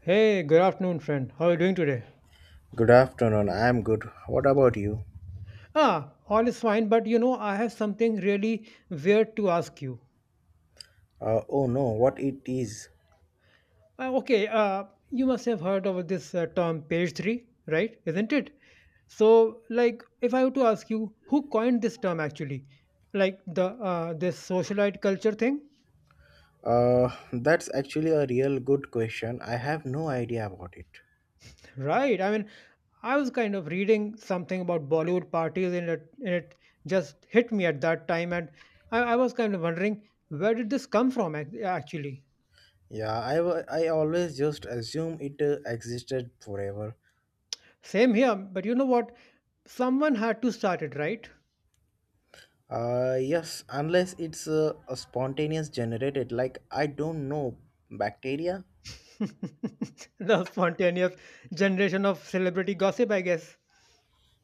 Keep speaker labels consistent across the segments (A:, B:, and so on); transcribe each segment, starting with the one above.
A: Hey, good afternoon, friend. How are you doing today?
B: Good afternoon. I'm good. What about you?
A: Ah, all is fine, but you know, I have something really weird to ask you.
B: Oh no, what it is?
A: Uh, okay, uh, you must have heard of this term page three, right? Isn't it? So, like, if I were to ask you, who coined this term actually? Like the this socialite culture thing,
B: That's actually a real good question. I have no idea about it.
A: right? I mean, I was kind of reading something about Bollywood parties, and it just hit me at that time, and I was kind of wondering where did this come from actually.
B: Yeah, I always just assume it existed forever.
A: Same here, but you know what? Someone had to start it, right?
B: Yes, unless it's a spontaneous generated, like I don't know, bacteria?
A: The spontaneous generation of celebrity gossip, I guess.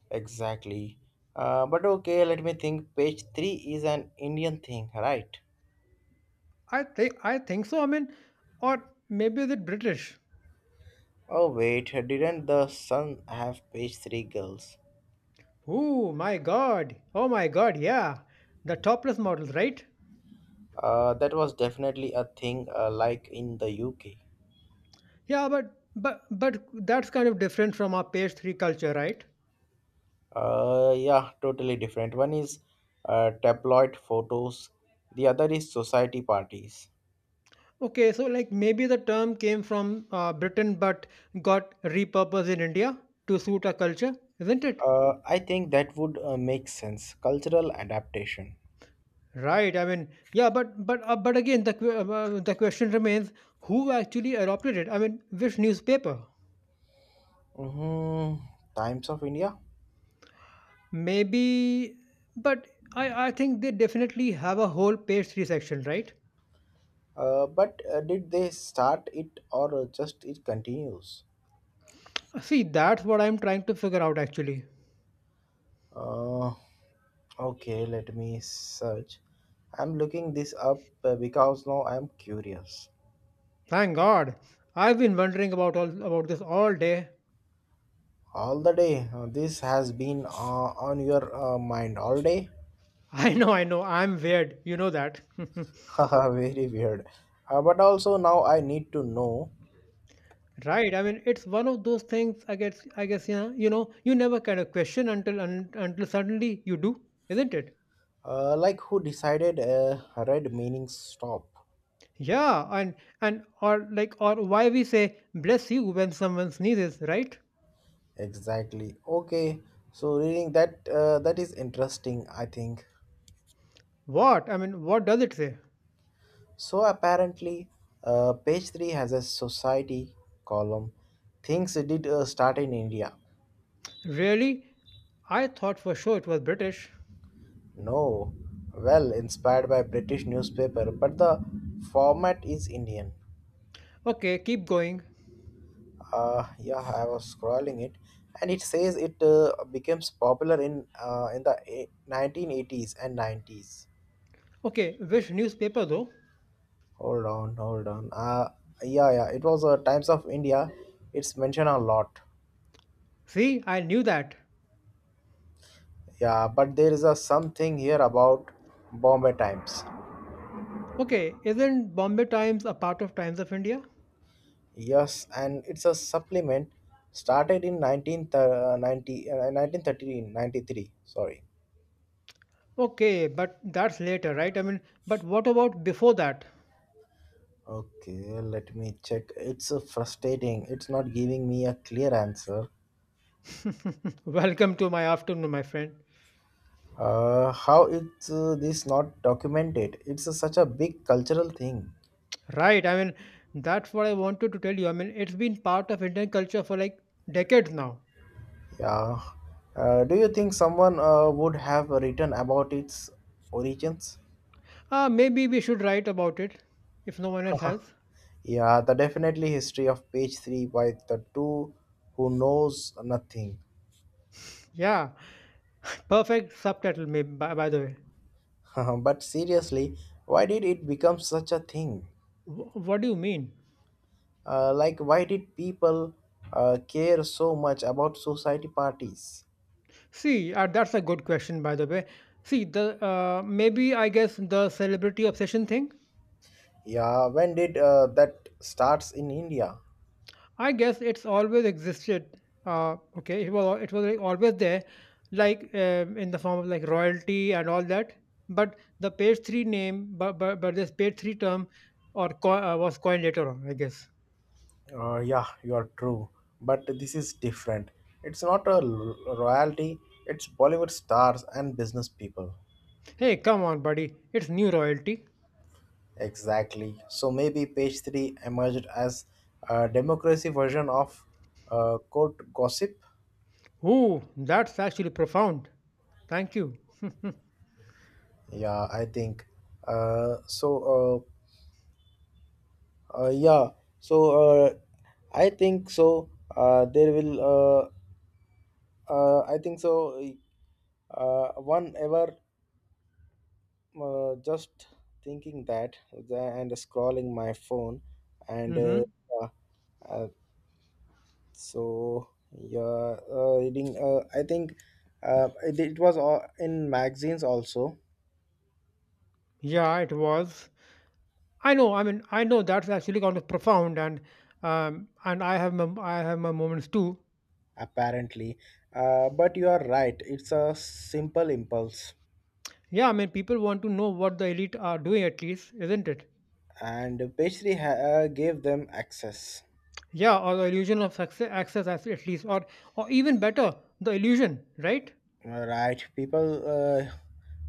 B: Exactly. But okay, let me think. Page 3 is an Indian thing, right?
A: I think so. I mean, or maybe is it British?
B: Oh wait, didn't the Sun have page 3 girls?
A: Oh my god! Oh my god! Yeah, the topless models, right?
B: That was definitely a thing like in the UK.
A: Yeah, but that's kind of different from our page three culture, right?
B: Yeah, totally different. One is tabloid photos, the other is society parties.
A: Okay, so like maybe the term came from Britain but got repurposed in India to suit our culture, isn't it?
B: I think that would make sense. Cultural adaptation.
A: Right. I mean, yeah, but again, the question remains: who actually adopted it? I mean, which newspaper?
B: Mm-hmm. Times of India.
A: Maybe, but I think they definitely have a whole page three section, right?
B: But did they start it or just it continues?
A: See, that's what I'm trying to figure out actually.
B: Uh, okay, let me search. I'm looking this up because now I'm curious.
A: Thank God, I've been wondering about all about this all day.
B: All the day. This has been on your mind all day.
A: I know, I'm weird. You know that,
B: Haha, very weird. But also now I need to know,
A: right? I mean, it's one of those things. I guess yeah, you know, you never kind of question until suddenly you do, isn't it?
B: like who decided red meaning stop?
A: Yeah, and or like or why we say bless you when someone sneezes, right?
B: Exactly. Okay. So reading that that is interesting. I think.
A: What? I mean, what does it say?
B: So apparently, page three has a society column. Things did start in India.
A: Really? I thought for sure it was British.
B: No, well inspired by British newspaper, but the format is Indian.
A: Okay, keep going.
B: Yeah, I was scrolling it, and it says it becomes popular in the 1980s and 90s.
A: Okay, which newspaper though?
B: Hold on, hold on. Yeah, yeah, it was Times of India. It's mentioned a lot.
A: See, I knew that.
B: Yeah, but there is a something here about Bombay Times.
A: Okay, isn't Bombay Times a part of Times of India?
B: Yes, and it's a supplement started in 1990, 1913. Sorry.
A: Okay, but that's later, right? I mean, but what about before that?
B: Okay, let me check. It's frustrating. It's not giving me a clear answer.
A: Welcome to my afternoon, my friend.
B: How is this not documented? Such a big cultural thing.
A: Right. I mean, that's what I wanted to tell you. I mean, it's been part of Indian culture for like decades now.
B: Yeah. Do you think someone would have written about its origins?
A: Ah, maybe we should write about it if no one else
B: Haha.
A: has.
B: Yeah, the definitely history of page three by the two who knows nothing.
A: Yeah. Perfect subtitle, maybe, by the way.
B: But seriously, why did it become such a thing?
A: What do you mean?
B: Like, why did people care so much about society parties?
A: See, that's a good question, by the way. See, the maybe I guess the celebrity obsession thing.
B: Yeah, when did that starts in India?
A: I guess it's always existed. Okay, it was like always there, like in the form of like royalty and all that. But the page three name, but this page three term, was coined later on, I guess.
B: Yeah, you are true. But this is different. It's not royalty, it's Bollywood stars and business people.
A: Hey, come on, buddy, it's new royalty.
B: Exactly. So maybe page 3 emerged as a democracy version of court gossip.
A: Ooh, that's actually profound. Thank you.
B: Yeah, I think. Uh, so, yeah, so uh, I think so. Uh, there will, I think so. One ever. Just thinking that and scrolling my phone and
A: Hmm.
B: uh, uh, so yeah, reading, I think it was all in magazines also
A: Yeah, it was. I know. I mean, I know that's actually kind of profound, and I have my moments too.
B: apparently. But you are right, it's a simple impulse
A: Yeah, I mean, people want to know what the elite are doing, at least, isn't it?
B: and pastry gave them access,
A: Yeah, or the illusion of success, access, at least, or even better, the illusion, right?
B: right people, uh,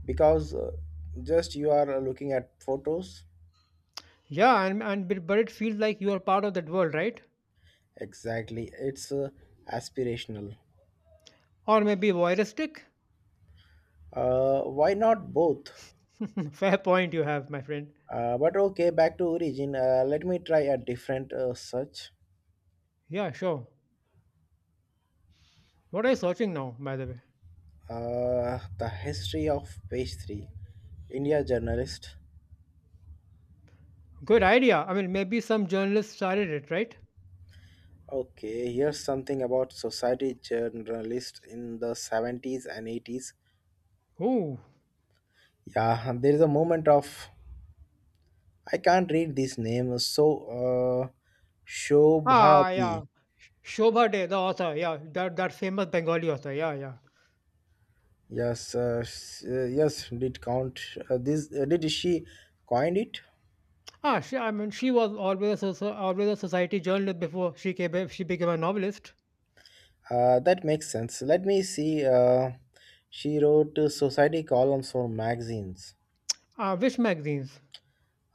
B: because just you are looking at photos.
A: Yeah, and but it feels like you are part of that world, right?
B: Exactly, it's aspirational.
A: Or maybe voyeuristic.
B: Why not both?
A: Fair point you have, my friend.
B: But okay, back to origin. Let me try a different search.
A: Yeah, sure. What are you searching now, by the way?
B: The history of page three. India journalist.
A: Good idea. I mean, maybe some journalist started it, right?
B: Okay, here's something about society journalist in the 70s and 80s.
A: Who?
B: Yeah, there is a moment of I can't read this name. So, uh,
A: Ah,
B: Shobhati.
A: yeah. Shobha Day, the author. Yeah, that that famous Bengali author. Yeah, yeah.
B: Yes, did count this? Did she coined it?
A: Ah, she, I mean, she was always a, always a society journalist before she became a novelist.
B: That makes sense. Let me see. She wrote society columns for magazines.
A: Which magazines?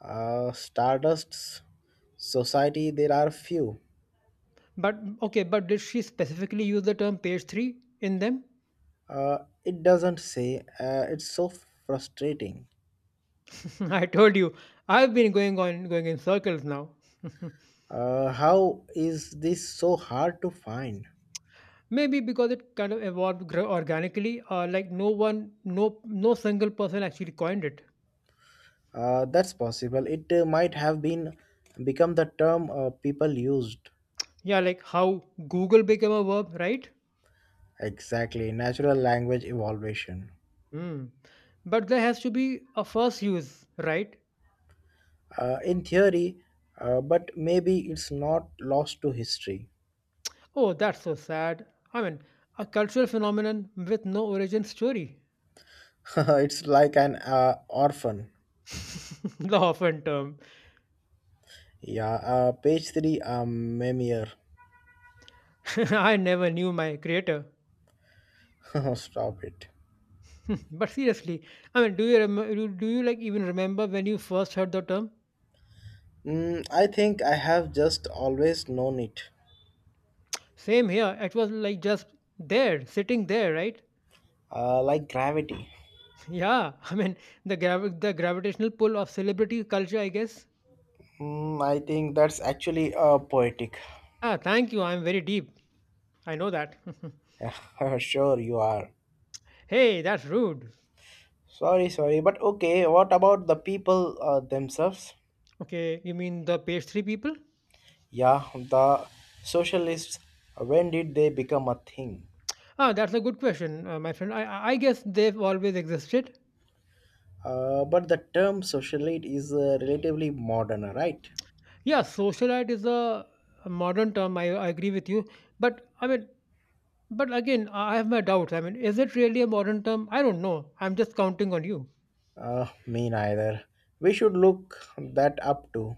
B: Stardust's society, there are few.
A: But okay, but did she specifically use the term page three in them?
B: Uh, it doesn't say. It's so frustrating.
A: I told you, I've been going in circles now.
B: How is this so hard to find?
A: Maybe because it kind of evolved organically, like no one, no, no single person actually coined it.
B: That's possible. It might have been become the term people used.
A: Yeah, like how Google became a verb, right?
B: Exactly. Natural language evolution.
A: Hmm. But there has to be a first use, right?
B: In theory, but maybe it's not lost to history.
A: Oh, that's so sad. I mean, a cultural phenomenon with no origin story.
B: It's like an orphan.
A: The often term.
B: Yeah, page 3, Memir.
A: I never knew my creator.
B: Stop it.
A: But seriously, I mean, do you like even remember when you first heard the term?
B: Mm, I think I have just always known it.
A: Same here. It was like just there, sitting there, right?
B: Like gravity.
A: Yeah. I mean, the gravitational pull of celebrity culture, I guess.
B: Mm, I think that's actually poetic.
A: Ah, thank you. I'm very deep. I know that.
B: Sure, you are.
A: Hey, that's rude.
B: Sorry, sorry, but okay, what about the people themselves?
A: Okay, you mean the page three people?
B: Yeah, the socialists, when did they become a thing?
A: Ah, that's a good question, my friend. I guess they've always existed.
B: But the term socialite is relatively modern, right?
A: Yeah, socialite is a modern term. I agree with you, but I mean, but again, I have my doubts. I mean, is it really a modern term? I don't know. I'm just counting on you.
B: Me neither. We should look that up to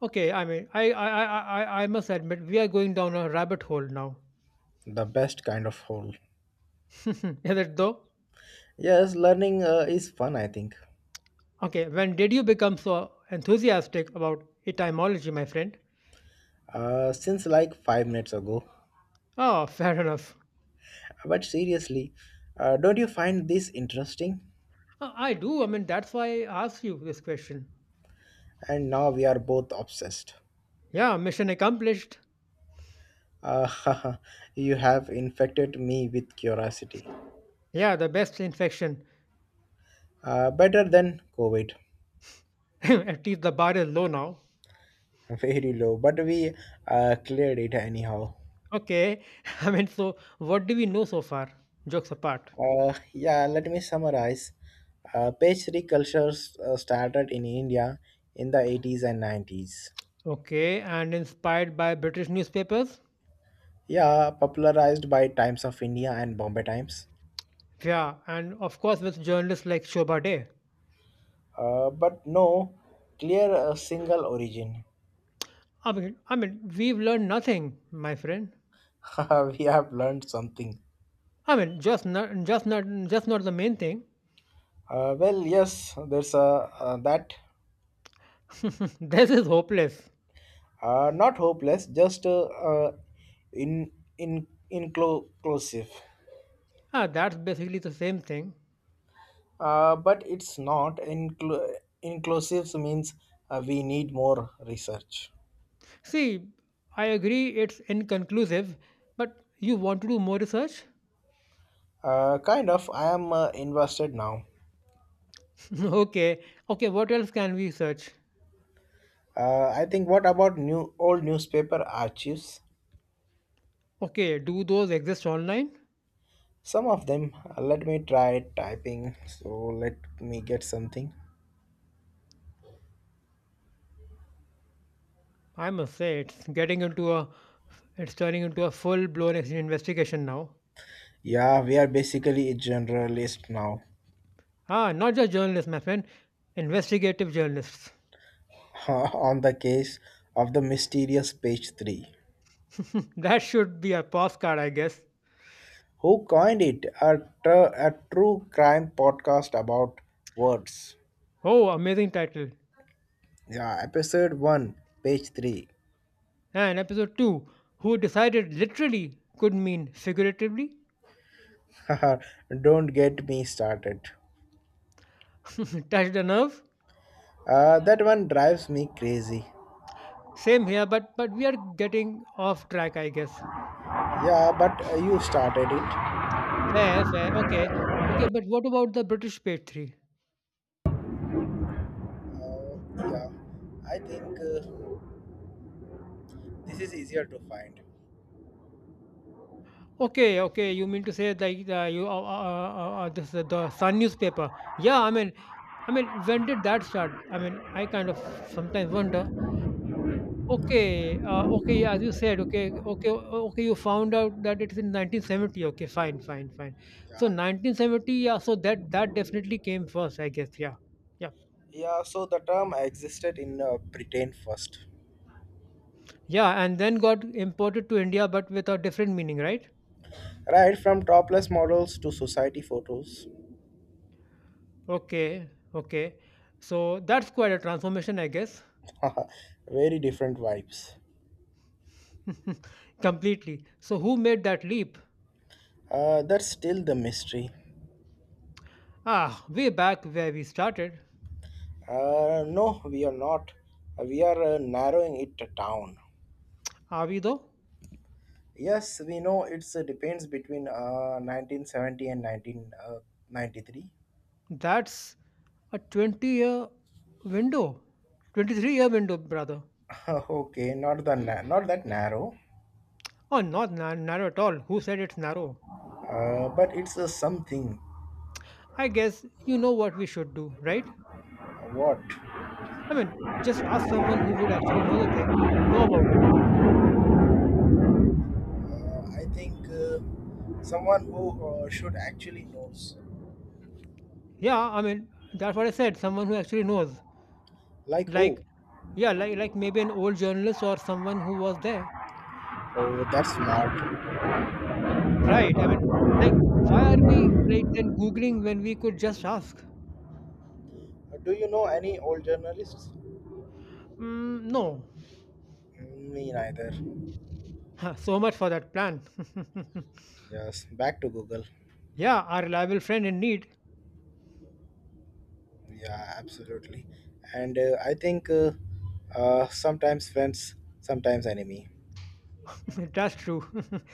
A: Okay, I mean, I must admit we are going down a rabbit hole now.
B: the best kind of whole.
A: Is it though?
B: Yes, learning is fun, I think,
A: Okay, when did you become so enthusiastic about etymology, my friend?
B: since like 5 minutes ago.
A: Ah, fair enough.
B: But seriously, don't you find this interesting?
A: I do. I mean, that's why I asked you this question.
B: And now we are both obsessed.
A: Yeah, mission accomplished.
B: Uh, you have infected me with curiosity.
A: Yeah, the best infection.
B: Better than COVID.
A: At least the bar is low now.
B: Very low, but we cleared it anyhow.
A: Okay, I mean, so what do we know so far? Jokes apart.
B: Yeah, let me summarize. Page three cultures started in India in the 80s and 90s.
A: Okay, and inspired by British newspapers?
B: Yeah, popularized by Times of India and Bombay Times.
A: Yeah, and of course with journalists like Shobha Day.
B: But no clear single origin.
A: I mean, we've learned nothing, my friend.
B: We have learned something.
A: I mean, just not the main thing.
B: Well, yes, there's a that.
A: This is hopeless.
B: Not hopeless, just in in inclusive.
A: Ah, that's basically the same thing.
B: But it's not inclusive means we need more research.
A: See, I agree it's inconclusive, but you want to do more research?
B: Kind of, I am invested now.
A: Okay. Okay, what else can we search?
B: I think what about new old newspaper archives?
A: Okay, do those exist online?
B: Some of them. Let me try typing. So let me get something.
A: I must say it's getting into a it's turning into a full-blown investigation now.
B: Yeah, we are basically a generalist now.
A: Ah, not just journalists, my friend, investigative journalists.
B: On the case of the mysterious page three,
A: That should be a postcard, I guess.
B: who coined it? A true crime podcast about words.
A: Oh, amazing title.
B: Yeah, episode 1, page 3.
A: And episode 2, who decided literally could mean figuratively?
B: Don't get me started.
A: Touched a nerve?
B: That one drives me crazy.
A: Same here, but we are getting off track, I guess.
B: Yeah, but you started it.
A: Fair, fair. Okay. Okay, but what about the British page 3?
B: Yeah, I think this is easier to find.
A: Okay, okay. You mean to say like you this the Sun newspaper? Yeah, I mean, when did that start? I mean, I kind of sometimes wonder. Okay. Yeah, as you said, okay. You found out that it's in 1970. Okay, fine, fine, fine. So
B: Yeah.
A: 1970. Yeah. So that that definitely came first, I guess. Yeah, yeah,
B: Yeah, so the term existed in Britain first.
A: yeah. And then got imported to India, but with a different meaning, right?
B: Right from topless models to society photos.
A: Okay, okay. So that's quite a transformation, I guess.
B: Very different vibes.
A: Completely. So, who made that leap?
B: That's still the mystery.
A: Ah, way back where we started.
B: No, we are not. We are narrowing it down.
A: Are we though?
B: Yes, we know it's depends between 1970 and 1993.
A: That's a 20-year window. 23-year window, brother.
B: Okay, not the na- not that narrow,
A: Oh, not na- narrow at all. Who said it's narrow?
B: but it's something.
A: I guess you know what we should do, right?
B: What?
A: I mean, just ask someone who would actually know know about it.
B: I think someone who should actually knows.
A: Yeah, I mean, that's what I said. Someone who actually knows.
B: Like
A: Like,
B: who?
A: yeah, like maybe an old journalist or someone who was there.
B: Oh, that's smart.
A: Right. I mean, like, why are we like then Googling when we could just ask?
B: Do you know any old journalists?
A: Mm, no.
B: Mm, me neither.
A: Huh, so much for that plan.
B: Yes, back to Google.
A: Yeah, our reliable friend in need.
B: Yeah, absolutely. And I think sometimes friends, sometimes enemy.
A: That's true.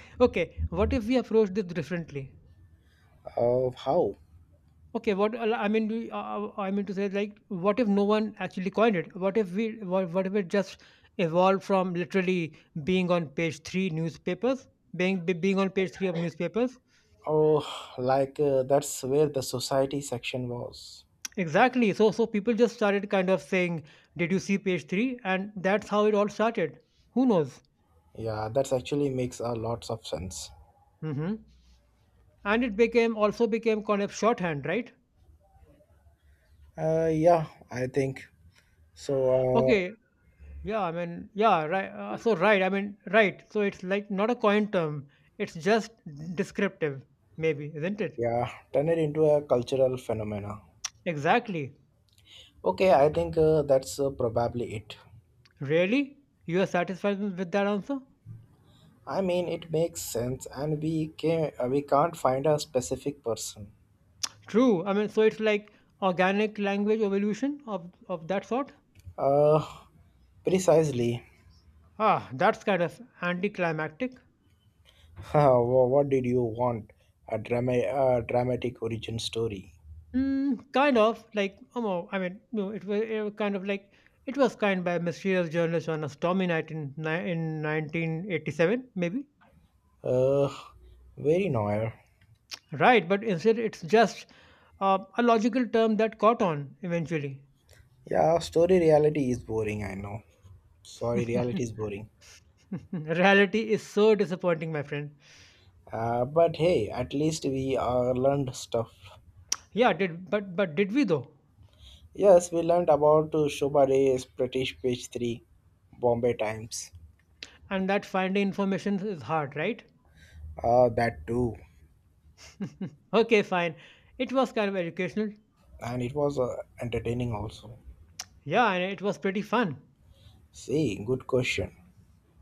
A: Okay, what if we approach this differently?
B: Of how?
A: Okay, what I mean, I mean to say, like, what if no one actually coined it? What if it just evolved from literally being on page three newspapers, being on page three of newspapers.
B: Oh, like that's where the society section was.
A: Exactly. So so people just started kind of saying, "Did you see page 3?" and that's how it all started. Who knows?
B: Yeah, that actually makes a lots of sense.
A: Hmm. And it became also became kind of shorthand, right?
B: Yeah, I think so. Uh,
A: Okay. Yeah. I mean, yeah. Right. Right. So it's like not a coin term. It's just descriptive, maybe, isn't it?
B: yeah, turn it into a cultural phenomena.
A: Exactly.
B: Okay, I think that's probably it.
A: Really? You are satisfied with that answer?
B: I mean, it makes sense, and we can't find a specific person.
A: True. I mean, so it's like organic language evolution of that sort.
B: Uh, Precisely.
A: Ah, that's kind of anticlimactic.
B: What did you want? A drama, a dramatic origin story.
A: Mm, kind of like I mean, no, it was kind of like it was kind by a mysterious journalist on a stormy night in 1987, maybe
B: Uh, Very noir.
A: right. But instead, it's just a logical term that caught on eventually.
B: Yeah, story reality is boring, I know. Sorry, reality is boring.
A: Reality is so disappointing, my friend.
B: But hey, at least we learned stuff.
A: Yeah, did but did we though?
B: Yes, we learned about Shobha Ray's British page 3, Bombay Times.
A: And that finding information is hard, right?
B: That too.
A: Okay, fine. It was kind of educational.
B: And it was entertaining also.
A: Yeah, and it was pretty fun.
B: See, good question.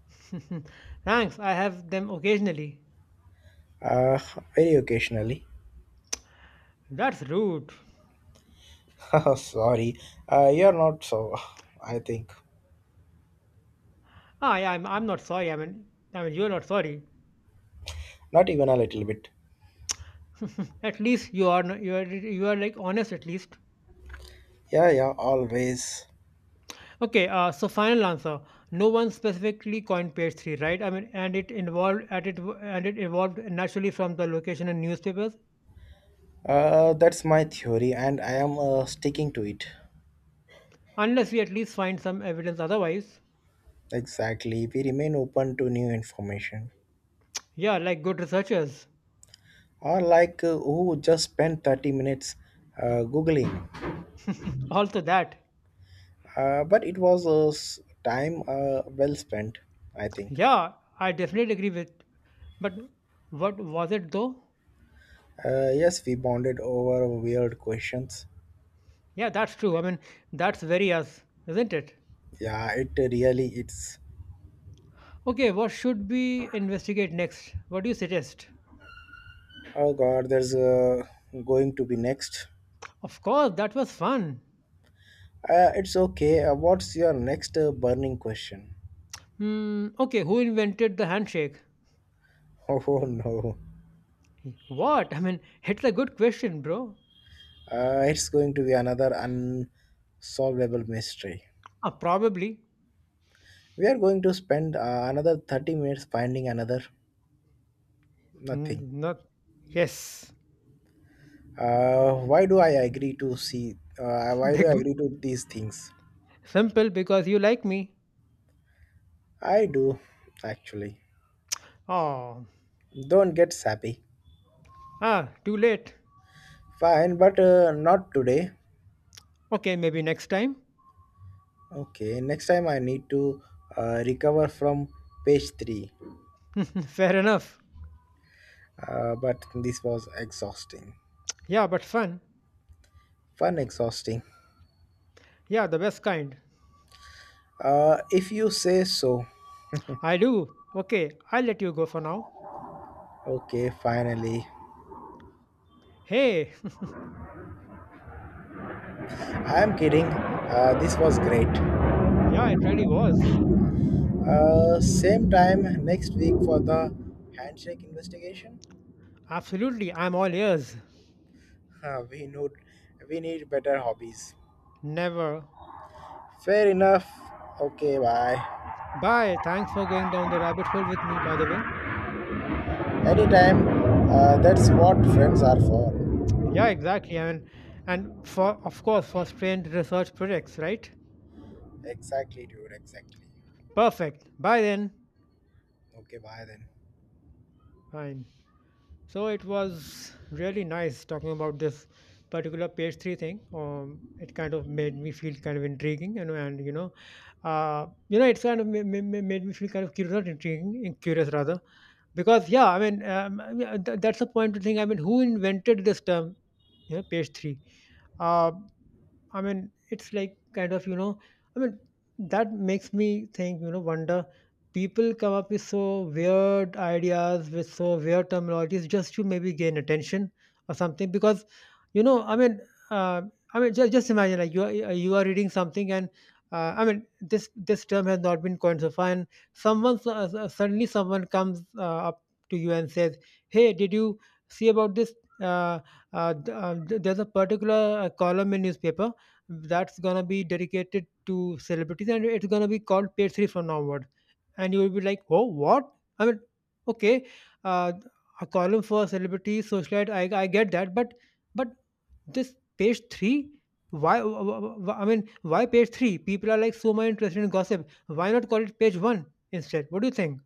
A: Thanks. I have them occasionally.
B: Uh, Very occasionally.
A: That's rude.
B: Sorry, you're not so, I think.
A: Ah, yeah, I'm not sorry. I mean, you're not sorry.
B: Not even a little bit.
A: At least you are. You are. You are like honest. At least.
B: Yeah, yeah, always.
A: Okay. So final answer. No one specifically coined page three, right? I mean, and it involved at it and it evolved naturally from the location in newspapers,
B: That's my theory, and I am sticking to it.
A: unless we at least find some evidence otherwise.
B: Exactly. We remain open to new information.
A: Yeah, like good researchers.
B: Or, like, who just spent 30 minutes Googling.
A: Also that.
B: But it was time well spent, I think.
A: Yeah, I definitely agree with. But what was it though?
B: Yes, we bonded over weird questions.
A: Yeah, that's true. I mean, that's very us, isn't it?
B: Yeah, it really it's.
A: Okay, what should we investigate next? What do you suggest?
B: Oh God, there's going to be next.
A: Of course, that was fun.
B: It's okay. What's your next burning question?
A: Hmm, okay, who invented the handshake?
B: Oh no.
A: What? I mean, it's a good question, bro.
B: It's going to be another unsolvable mystery.
A: Ah, probably.
B: We are going to spend another 30 minutes finding another
A: Mm,
B: nothing.
A: not. Yes.
B: Why do I agree to see? Why do I
A: Big.
B: agree to these things?
A: Simple because you like me.
B: I do, actually.
A: Oh.
B: Don't get sappy.
A: Ah, too late.
B: Fine, but not today.
A: Okay, maybe next time.
B: Okay, next time I need to recover from page 3.
A: Fair enough.
B: But this was exhausting.
A: Yeah, but fun.
B: Fun, exhausting.
A: Yeah, the best kind.
B: If you say so.
A: I do. Okay, I'll let you go for now.
B: Okay, finally.
A: Hey.
B: I'm kidding. This was great.
A: Yeah, it really was.
B: Same time next week for the handshake investigation.
A: Absolutely, I'm all ears.
B: Uh, we need we need better hobbies.
A: Never.
B: Fair enough. Okay, bye.
A: Bye. Thanks for going down the rabbit hole with me, by the way.
B: Anytime. That's what friends are for.
A: Yeah, exactly. I mean, and for, of course, for strained research projects, right?
B: Exactly, dude. Exactly.
A: Perfect. Bye then.
B: Okay, bye then.
A: Fine. So it was really nice talking about this particular page three thing. It kind of made me feel kind of intriguing, and it's kind of made me feel kind of curious, not intriguing, curious rather, because yeah, I mean, yeah, that's a point to think. I mean, who invented this term? यह page 3 uh, I mean, it's like kind of, I mean, that makes me think, wonder, people come up with so weird ideas with so weird terminologies just to maybe gain attention or something. Because, you know, I mean, uh, I mean, just imagine like you are reading something, and I mean, this term has not been coined so far, and suddenly someone comes up to you and says, "Hey, did you see about this, uh, there's a particular column in newspaper that's gonna be dedicated to celebrities, and it's gonna be called page three from now onward, and you will be like, oh, what? I mean, okay, uh, a column for celebrities, socialite, I get that, but but this page three, why, I mean, why page three? People are like so much interested in gossip. Why not call it page one instead? What do you think?"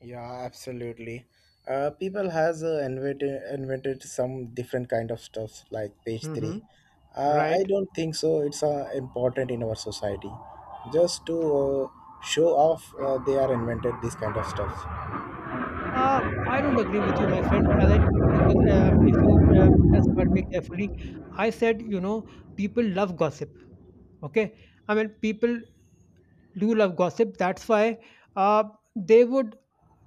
B: Yeah, absolutely. People has invented some different kind of stuffs like page
A: Mm-hmm.
B: three. I
A: Right.
B: don't think so. It's important in our society, just to show off they are invented this kind of stuff.
A: uh, I don't agree with you, my friend. As I, because if you just heard me carefully, I said, you know, people love gossip. Okay? I mean, people do love gossip. That's why uh, they would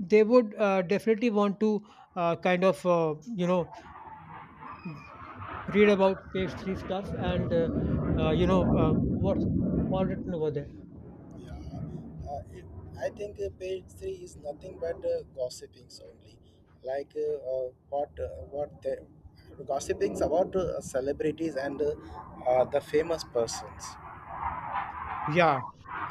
A: they would definitely want to kind of you know, read about page three stuff, and you know, what's all written over there.
B: Yeah, uh, it, I think page three is nothing but gossipings only, like what the gossipings about celebrities and the famous persons
A: Yeah,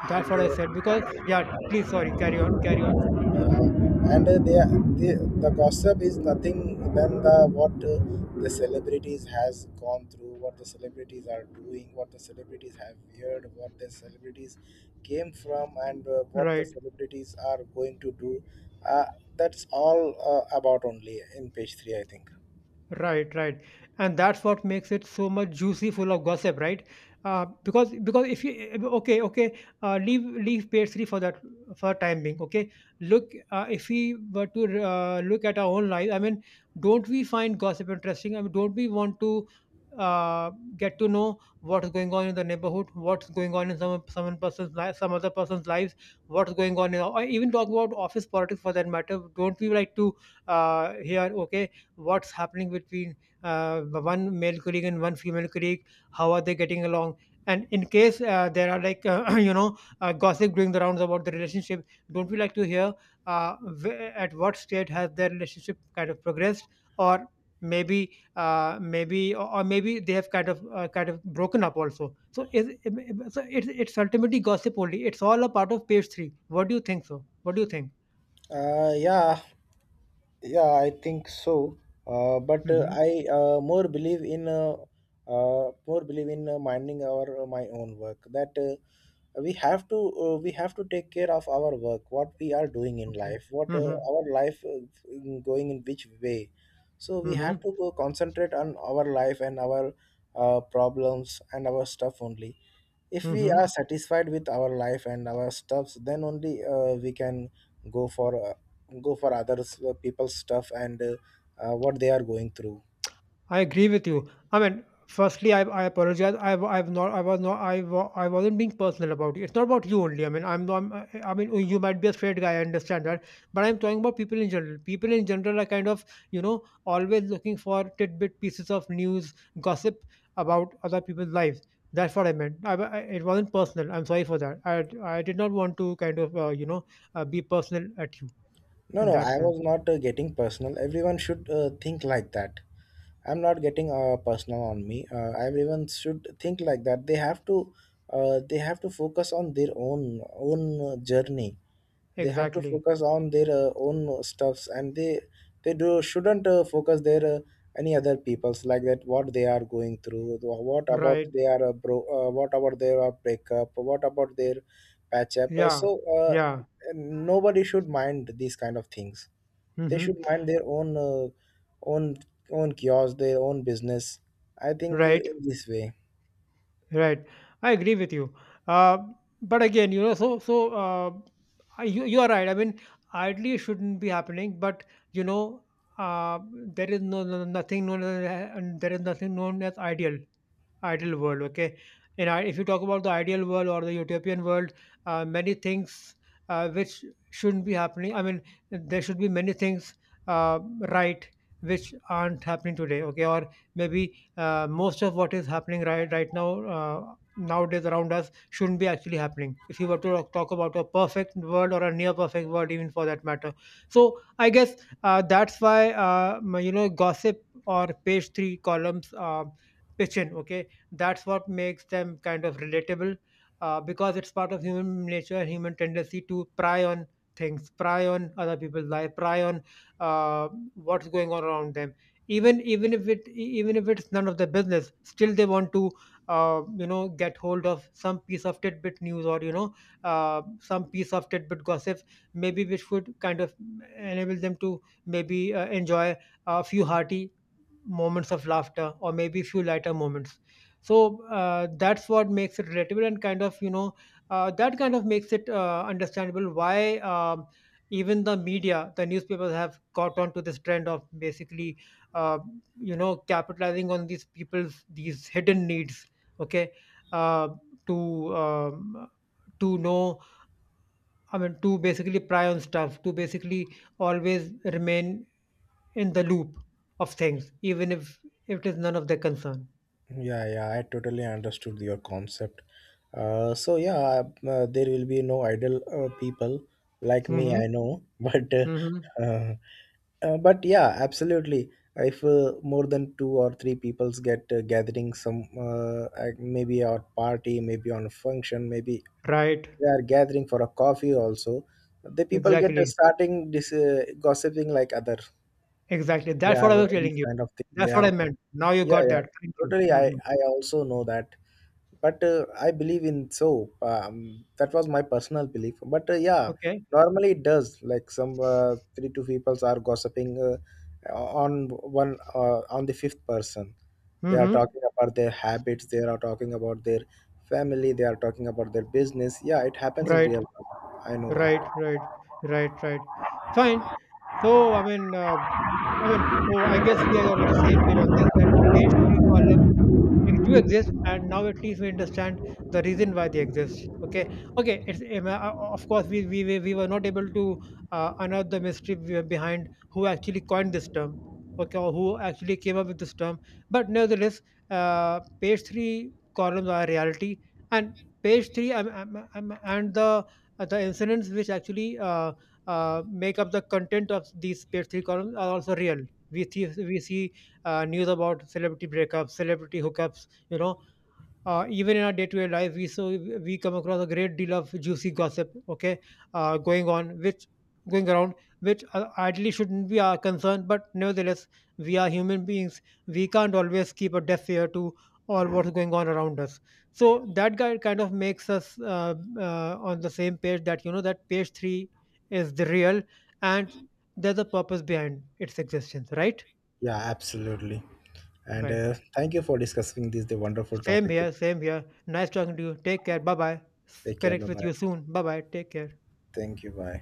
A: that's
B: and.
A: what I said.
B: Uh,
A: Because yeah, please, sorry, carry on. Mhm.
B: uh, and uh, they, the gossip is nothing than the what the celebrities has gone through, what the celebrities are doing, what the celebrities have heard, what the celebrities came from, and what the
A: Right.
B: celebrities are going to do. uh, that's all about only in page 3, I think.
A: Right, right, and that's what makes it so much juicy, full of gossip, right? Because if you, okay, okay, leave pastry for that for time being, okay. Look, if we were to look at our own life, I mean, don't we find gossip interesting? I mean, don't we want to uh, get to know what is going on in the neighborhood, what's going on in some person's life, some other person's lives, what's going on in, or even talk about office politics for that matter? Don't we like to hear, okay, what's happening between one male colleague and one female colleague, how are they getting along? And in case there are like gossip doing the rounds about the relationship, don't we like to hear uh, at what state has their relationship kind of progressed, or maybe maybe, or maybe they have kind of broken up also? so is so it's ultimately gossip only, it's all a part of page 3. What do you think, so what do you think?
B: Yeah, yeah, I think so. But
A: Mm-hmm.
B: I more believe in minding our my own work. That we have to take care of our work, what we are doing in
A: Okay.
B: life, what
A: Mm-hmm.
B: our life in going in which way. So we
A: Mm-hmm.
B: have to go concentrate on our life and our problems and our stuff only. If we
A: Mm-hmm.
B: are satisfied with our life and our stuffs, then only we can go for uh, go for others people's stuff and what they are going through.
A: I agree with you. I mean, firstly, I apologize. I've not, I was not, I, wa- I wasn't being personal about you. It's not about you only. I mean, oh, you might be a straight guy. I understand that, but I'm talking about people in general. People in general are kind of, you know, always looking for tidbit pieces of news, gossip about other people's lives. That's what I meant. It wasn't personal. I'm sorry for that. I did not want to kind of, you know, be personal at you
B: No,
A: in
B: no,
A: that
B: I
A: sense.
B: was not getting personal. Everyone should think like that. I'm not getting personal on me. Everyone should think like that. They have to focus on their own journey. They have to
A: Exactly.
B: focus on their own stuffs, and they do shouldn't focus their any other people's like that what they are going through. What about
A: Right.
B: they are bro what about their breakup, what about their patch up. So
A: Yeah.
B: uh,
A: Yeah.
B: nobody should mind these kind of things. They
A: Mm-hmm.
B: should mind their own own kiosk, their own business, I think,
A: Right.
B: in this way.
A: Right. I agree with you. Uh, but again, you know, you are right. I mean, ideally it shouldn't be happening, but you know, uh, there is no, nothing known as, and there is nothing known as ideal, ideal world, okay. And I, if you talk about the ideal world or the utopian world, many things which shouldn't be happening, I mean, there should be many things, uh, right, which aren't happening today, okay. Or maybe most of what is happening right now, nowadays around us, shouldn't be actually happening, if you were to talk about a perfect world or a near perfect world even for that matter. So I guess, that's why, you know, gossip or page 3 columns pitch in, okay. That's what makes them kind of relatable, because it's part of human nature and human tendency to pry on things, pry on other people's life, pry on uh, what's going on around them. Even if even if it's none of their business, still they want to you know, get hold of some piece of tidbit news, or you know, some piece of tidbit gossip, maybe which would kind of enable them to maybe enjoy a few hearty moments of laughter, or maybe few lighter moments. So that's what makes it relatable and kind of, you know, that kind of makes it understandable why, even the media, the newspapers have caught on to this trend of basically, uh, you know, capitalizing on these people's, these hidden needs, okay, uh, to, to know, I mean, to basically pry on stuff, to basically always remain in the loop of things, even if it is none of their concern.
B: Yeah, yeah, I totally understood your concept. So yeah, there will be no idle people like me, I
A: Hmm.
B: know,
A: Hmm.
B: uh, but yeah, absolutely. If more than two or three peoples get gathering, some maybe at party, maybe on a function, maybe
A: Right.
B: they are gathering for a coffee also. The people get
A: Exactly,
B: starting this gossiping like other.
A: exactly.
B: They
A: That's
B: are
A: what I was
B: these
A: telling you.
B: kind of thing. They
A: That's
B: are.
A: what I meant. Now you
B: Yeah,
A: got
B: yeah,
A: that. Thank you.
B: totally. I
A: Hmm.
B: I also know that, but I believe in soap, that was my personal belief, but yeah.
A: Okay.
B: Normally it does like some three two people are gossiping on the fifth person. They are
A: Hmm.
B: talking about their habits, they are talking about their family, they are talking about their business. Yeah, it happens in
A: Right,
B: real life, I know
A: right,
B: that.
A: right, right, right. Fine. So I mean, so I guess we are on the same page on this. That page three column, do exist, and now at least we understand the reason why they exist, okay. Okay, it's, of course we were not able to unearth the mystery behind who actually coined this term, okay, or who actually came up with this term, but nevertheless, page 3 columns are reality, and page 3, and the, the incidents which actually, make up the content of these page 3 columns are also real. We see we see news about celebrity breakups, celebrity hookups. You know, even in our day-to-day life, we come across a great deal of juicy gossip. Okay, uh, going on which going around which ideally shouldn't be our concern, but nevertheless, we are human beings. We can't always keep a deaf ear to all what's going on around us. So that guy kind of makes us on the same page, that you know, that page three is the real, and there's a purpose behind its existence, right?
B: Yeah, absolutely. And
A: Right.
B: thank you for discussing this the wonderful
A: Same
B: topic.
A: here, same here. Nice talking to you. Take care. Bye bye.
B: Take care, bye
A: Connect with
B: bye.
A: you soon. Bye bye. Take care.
B: Thank you. Bye.